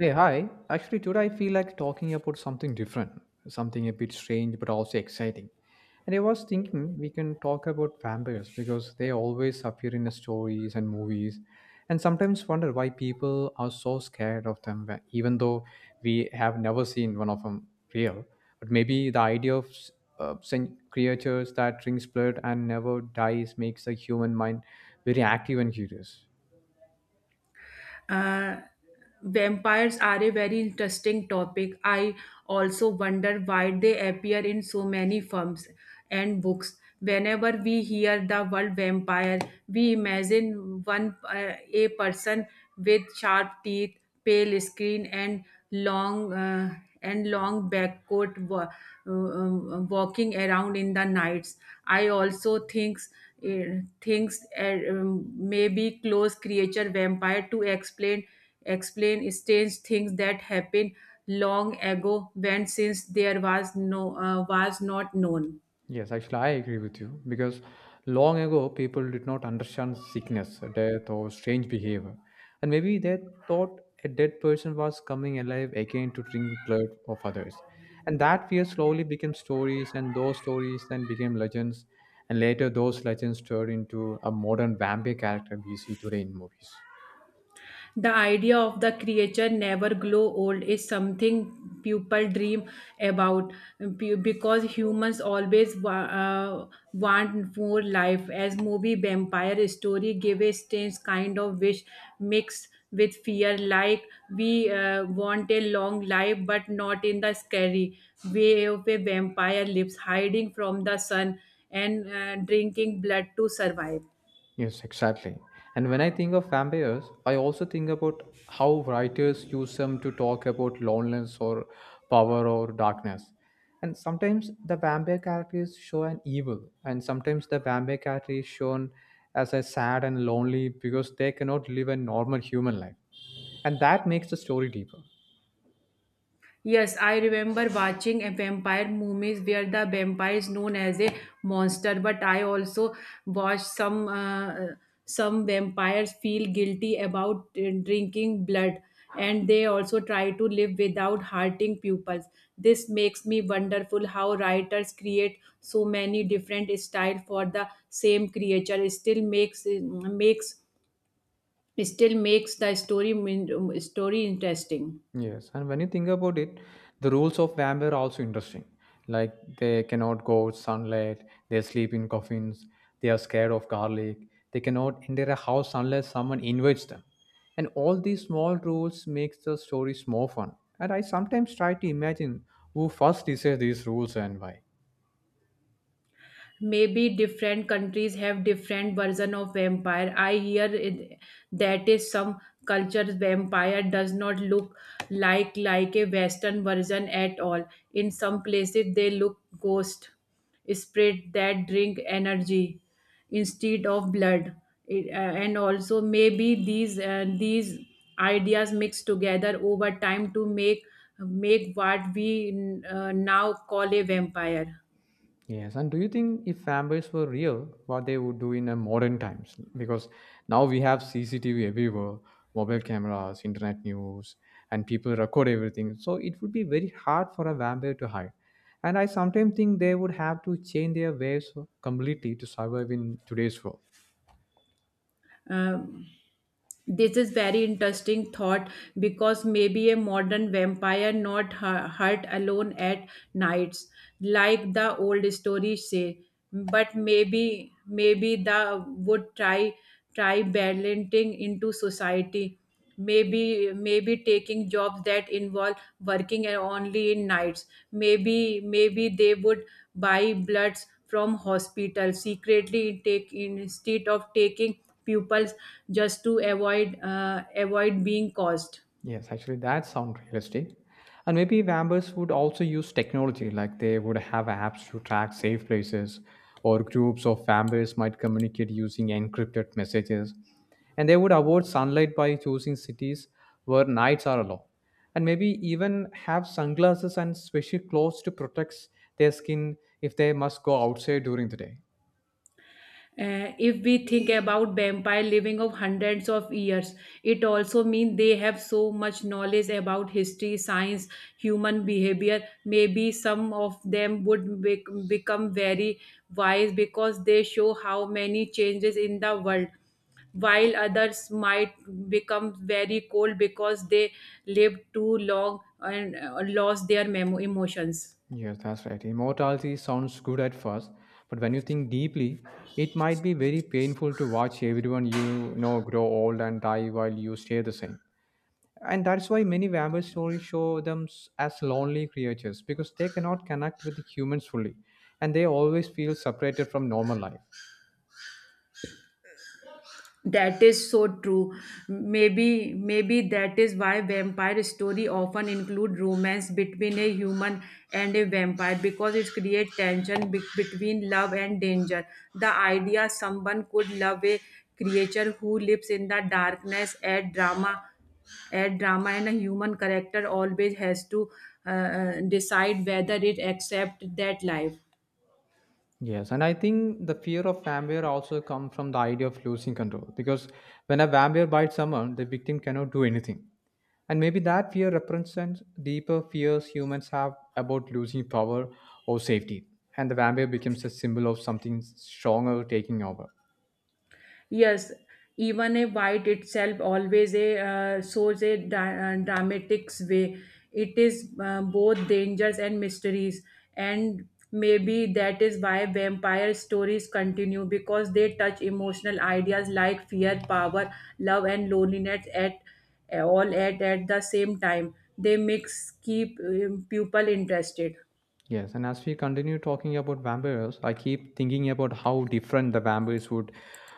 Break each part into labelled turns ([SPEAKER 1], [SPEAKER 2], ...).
[SPEAKER 1] Hey, hi. Actually, today I feel like talking about something different, something a bit strange but also exciting. And I was thinking we can talk about vampires because they always appear in the stories and movies, and sometimes wonder why people are so scared of them, even though we have never seen one of them real. But maybe the idea of creatures that drinks blood and never dies makes the human mind very active and curious.
[SPEAKER 2] uh, Vampires are a very interesting topic. I also wonder why they appear in so many films and books. Whenever we hear the word vampire, we imagine one a person with sharp teeth, pale skin, long uh, and long back coat, walking around in the nights. I also thinks thinks Maybe close creature vampire to explain strange things that happened long ago, when since there was was not known.
[SPEAKER 1] Yes, actually, I agree with you because long ago people did not understand sickness, death, or strange behavior, and maybe they thought a dead person was coming alive again to drink blood of others. And that fear slowly became stories, and those stories then became legends, and later those legends turned into a modern vampire character we see today in movies.
[SPEAKER 2] The idea of the creature never grow old is something people dream about, because humans always want more life. As movie vampire story give a strange kind of wish mixed with fear, like we want a long life, but not in the scary way of a vampire lives, hiding from the sun and drinking blood to survive.
[SPEAKER 1] Yes, exactly. And when I think of vampires, I also think about how writers use them to talk about loneliness or power or darkness. And sometimes the vampire character is shown evil, and sometimes the vampire character is shown as a sad and lonely because they cannot live a normal human life. And that makes the story deeper.
[SPEAKER 2] Yes, I remember watching a vampire movies where the vampire is known as a monster, but I also watched some vampires feel guilty about drinking blood, and they also try to live without hurting pupils. This makes me wonderful how writers create so many different style for the same creature. It still makes the story interesting.
[SPEAKER 1] Yes, and when you think about it, the rules of vampire are also interesting. Like they cannot go out sunlight, they sleep in coffins, they are scared of garlic, they cannot enter a house unless someone invites them. And all these small rules makes the stories more fun. And I sometimes try to imagine who first decided these rules and why.
[SPEAKER 2] Maybe different countries have different version of vampire. I hear it, that is some cultures vampire does not look like a western version at all. In some places they look ghost spirit that drink energy instead of blood. And also maybe these ideas mix together over time to make what we now call a vampire.
[SPEAKER 1] Yes, and do you think if vampires were real, what they would do in a modern times? Because now we have CCTV everywhere, mobile cameras, internet news, and people record everything. So it would be very hard for a vampire to hide. And I sometimes think they would have to change their ways completely to survive in today's world.
[SPEAKER 2] um, this is very interesting thought, because maybe a modern vampire not hurt alone at nights like the old stories say, but maybe the would try balancing into society, maybe taking jobs that involve working and only in nights. Maybe they would buy bloods from hospital secretly take instead of taking pupils, just to avoid avoid being caused.
[SPEAKER 1] Yes, actually, that sounds realistic. And maybe Vambers would also use technology, like they would have apps to track safe places, or groups of Vambers might communicate using encrypted messages. And they would avoid sunlight by choosing cities where nights are allowed. And maybe even have sunglasses and special clothes to protect their skin if they must go outside during the day.
[SPEAKER 2] If we think about vampire living of hundreds of years, it also means they have so much knowledge about history, science, human behavior. Maybe some of them would become very wise because they show how many changes in the world, while others might become very cold because they lived too long and lost their emotions.
[SPEAKER 1] Yes, that's right. Immortality sounds good at first, but when you think deeply, it might be very painful to watch everyone you know grow old and die while you stay the same. And that's why many vampire stories show them as lonely creatures because they cannot connect with the humans fully and they always feel separated from normal life.
[SPEAKER 2] That is so true. Maybe that is why vampire story often include romance between a human and a vampire, because it creates tension between love and danger. The idea someone could love a creature who lives in the darkness add drama and a human character always has to decide whether it accept that life.
[SPEAKER 1] Yes, and I think the fear of vampire also comes from the idea of losing control because when a vampire bites someone, the victim cannot do anything. And maybe that fear represents deeper fears humans have about losing power or safety. And the vampire becomes a symbol of something stronger taking over.
[SPEAKER 2] Yes, even a white itself always a shows a dramatic way. It is both dangers and mysteries, and maybe that is why vampire stories continue because they touch emotional ideas like fear, power, love, and loneliness at all at the same time. They mix keep people interested.
[SPEAKER 1] Yes, and as we continue talking about vampires, I keep thinking about how different the vampires would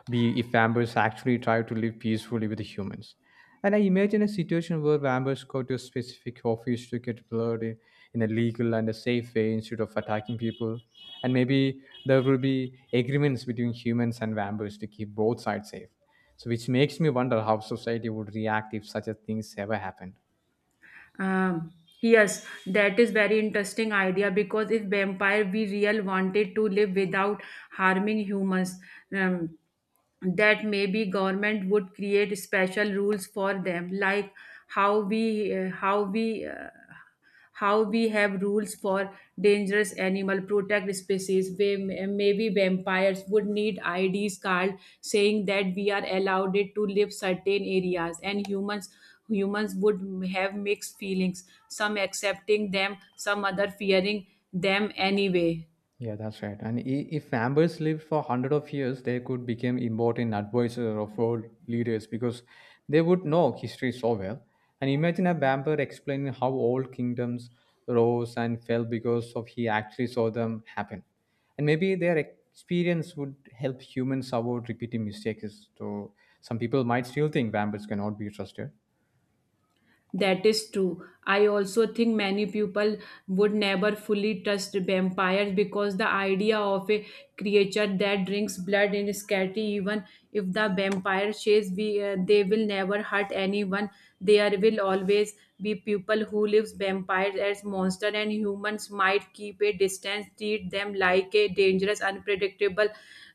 [SPEAKER 1] be if vampires actually tried to live peacefully with the humans. And I imagine a situation where vampires go to a specific office to get blood in a legal and a safe way instead of attacking people. And maybe there will be agreements between humans and vampires to keep both sides safe. So, which makes me wonder how society would react if such a thing ever happened.
[SPEAKER 2] Um, yes, that is very interesting idea, because if vampire we real wanted to live without harming humans, um, that maybe government would create special rules for them, like how we uh, how we uh, how we have rules for dangerous animal protect species, where maybe vampires would need ids card saying that we are allowed it to live certain areas, and humans would have mixed feelings, some accepting them, some other fearing them anyway.
[SPEAKER 1] Yeah, that's right. And if Amber's lived for hundred of years, they could become important advisors of world leaders because they would know history so well. And imagine a Amber explaining how old kingdoms rose and fell because of he actually saw them happen. And maybe their experience would help humans avoid repeating mistakes. So some people might still think vampires cannot be trusted.
[SPEAKER 2] That is true. I also think many people would never fully trust vampires because the idea of a creature that drinks blood is scary. Even if the vampire says they will never hurt anyone, there will always be people who lives vampires as monster, and humans might keep a distance, treat them like a dangerous, unpredictable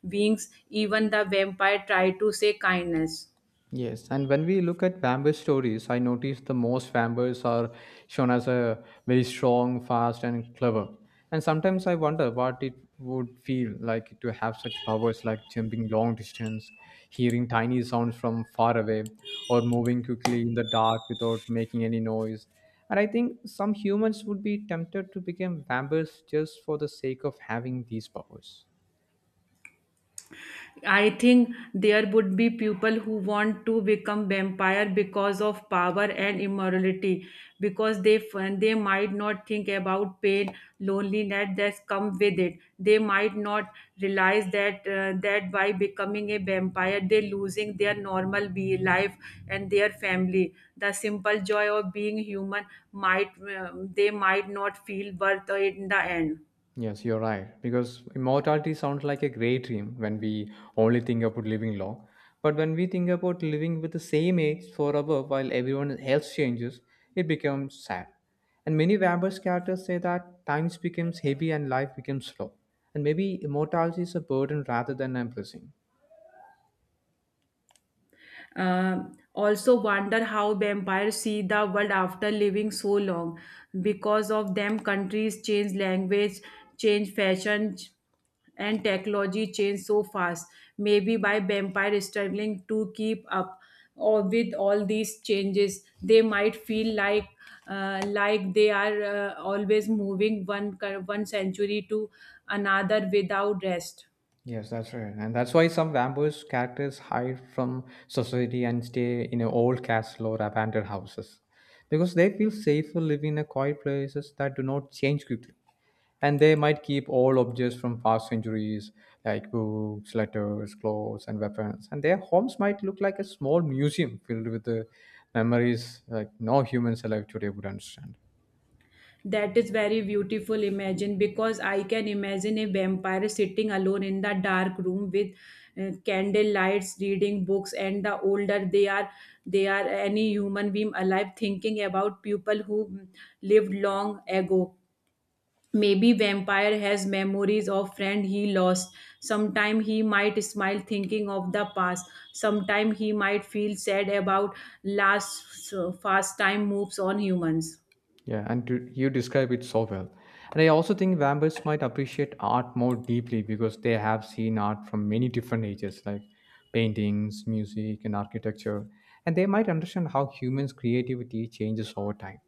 [SPEAKER 2] beings, even the vampire try to say kindness.
[SPEAKER 1] Yes, and when we look at vampire stories, I notice the most vampires are shown as a very strong, fast, and clever. And sometimes I wonder what it would feel like to have such powers like jumping long distance, hearing tiny sounds from far away, or moving quickly in the dark without making any noise. And I think some humans would be tempted to become vampires just for the sake of having these powers.
[SPEAKER 2] I think there would be people who want to become vampire because of power and immorality, because they might not think about pain, loneliness that's come with it. They might not realize that by becoming a vampire, they're losing their normal be life and their family. The simple joy of being human might they might not feel worth it in the end.
[SPEAKER 1] Yes, you're right. Because immortality sounds like a great dream when we only think about living long. But when we think about living with the same age forever while everyone else changes, it becomes sad. And many Weber's characters say that times becomes heavy and life becomes slow. And maybe immortality is a burden rather than a blessing.
[SPEAKER 2] Also wonder how vampires see the world after living so long. Because of them, countries change language, change fashion, and technology change so fast. Maybe by vampire struggling to keep up or with all these changes, they might feel like they are always moving one century to another without rest.
[SPEAKER 1] Yes, that's right. And that's why some vampires characters hide from society and stay in a old castle or abandoned houses because they feel safer living in quiet places that do not change quickly. And they might keep all objects from past centuries like books, letters, clothes, and weapons. And their homes might look like a small museum filled with the memories like no humans alive today would understand.
[SPEAKER 2] That is very beautiful imagine, because I can imagine a vampire sitting alone in the dark room with candle lights reading books, and the older they are any human being alive, thinking about people who lived long ago. Maybe vampire has memories of friend he lost. Sometime he might smile thinking of the past, sometime he might feel sad about last so fast time moves on humans.
[SPEAKER 1] Yeah, and to, you describe it so well. And I also think vampires might appreciate art more deeply because they have seen art from many different ages, like paintings, music, and architecture. And they might understand how humans' creativity changes over time.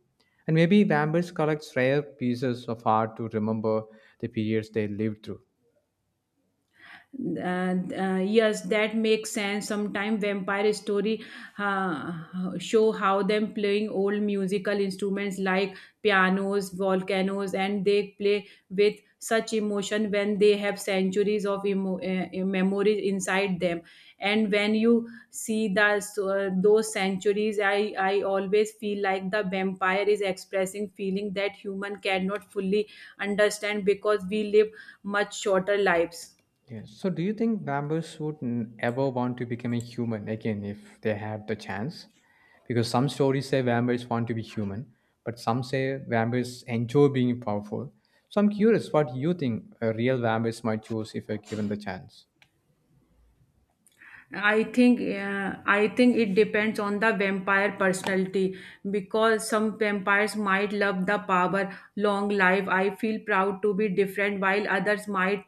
[SPEAKER 1] And maybe vampires collect rare pieces of art to remember the periods they lived through.
[SPEAKER 2] uh, yes, that makes sense. Sometime vampire story uh, show how them playing old musical instruments like pianos volcanoes, and they play with such emotion when they have centuries of memories inside them. And when you see those centuries, I always feel like the vampire is expressing feeling that human cannot fully understand because we live much shorter lives.
[SPEAKER 1] Yes. So, do you think vampires would ever want to become a human again if they had the chance? Because some stories say vampires want to be human, but some say vampires enjoy being powerful. So, I'm curious what you think a real vampires might choose if they're given the chance.
[SPEAKER 2] I think it depends on the vampire personality, because some vampires might love the power, long life. I feel proud to be different, while others might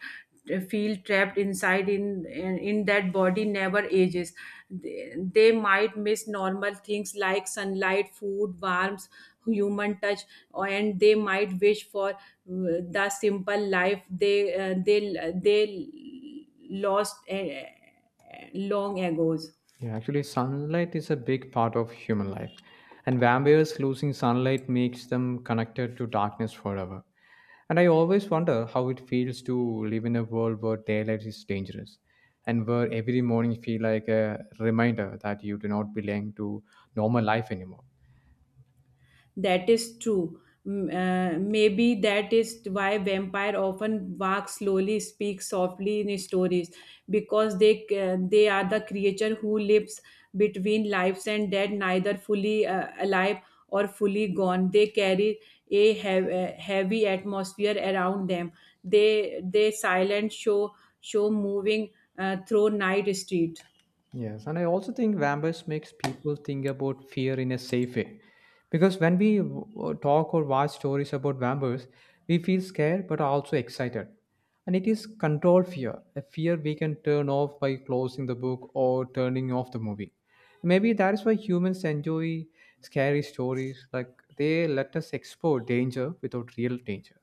[SPEAKER 2] feel trapped inside in that body never ages. They might miss normal things like sunlight, food, warmth, human touch, and they might wish for the simple life they lost. Long ago's.
[SPEAKER 1] Yeah, actually, sunlight is a big part of human life, and vampires losing sunlight makes them connected to darkness forever. And I always wonder how it feels to live in a world where daylight is dangerous, and where every morning feel like a reminder that you do not belong to normal life anymore.
[SPEAKER 2] That is true. Maybe that is why vampire often walk slowly, speak softly in stories, because they are the creature who lives between lives and death, neither fully alive or fully gone. They carry a heavy atmosphere around them. They silent show moving through night street.
[SPEAKER 1] Yes, and I also think vampires makes people think about fear in a safe way, because when talk or watch stories about vampires, we feel scared but are also excited, and it is controlled fear, a fear we can turn off by closing the book or turning off the movie. Maybe that is why humans enjoy scary stories, like they let us explore danger without real danger.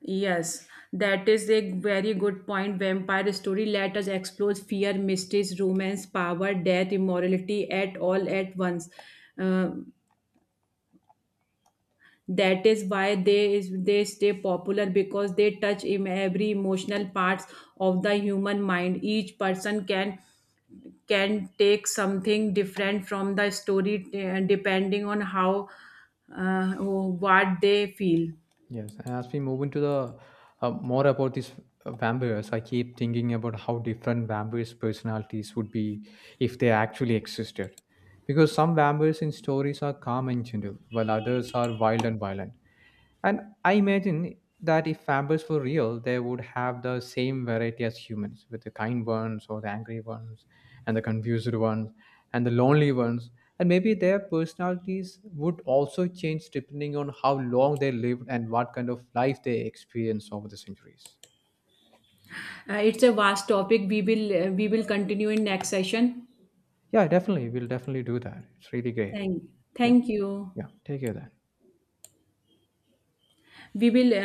[SPEAKER 2] Yes, that is a very good point. Vampire story let us explore fear, mysteries, romance, power, death, immorality at all at once. Um, that is why they is they stay popular because they touch in every emotional parts of the human mind. Each person can take something different from the story depending on how what they feel.
[SPEAKER 1] Yes, and as we move into the more about these vampires, I keep thinking about how different vampires' personalities would be if they actually existed. Because some vampires in stories are calm and gentle, while others are wild and violent. And I imagine that if vampires were real, they would have the same variety as humans, with the kind ones or the angry ones, and the confused ones, and the lonely ones. And maybe their personalities would also change depending on how long they lived and what kind of life they experienced over the centuries.
[SPEAKER 2] It's a vast topic. We will continue in next session.
[SPEAKER 1] Yeah, definitely. We'll definitely do that. It's really great.
[SPEAKER 2] Thank,
[SPEAKER 1] Yeah.
[SPEAKER 2] thank you.
[SPEAKER 1] Yeah. Take care then.
[SPEAKER 2] We will.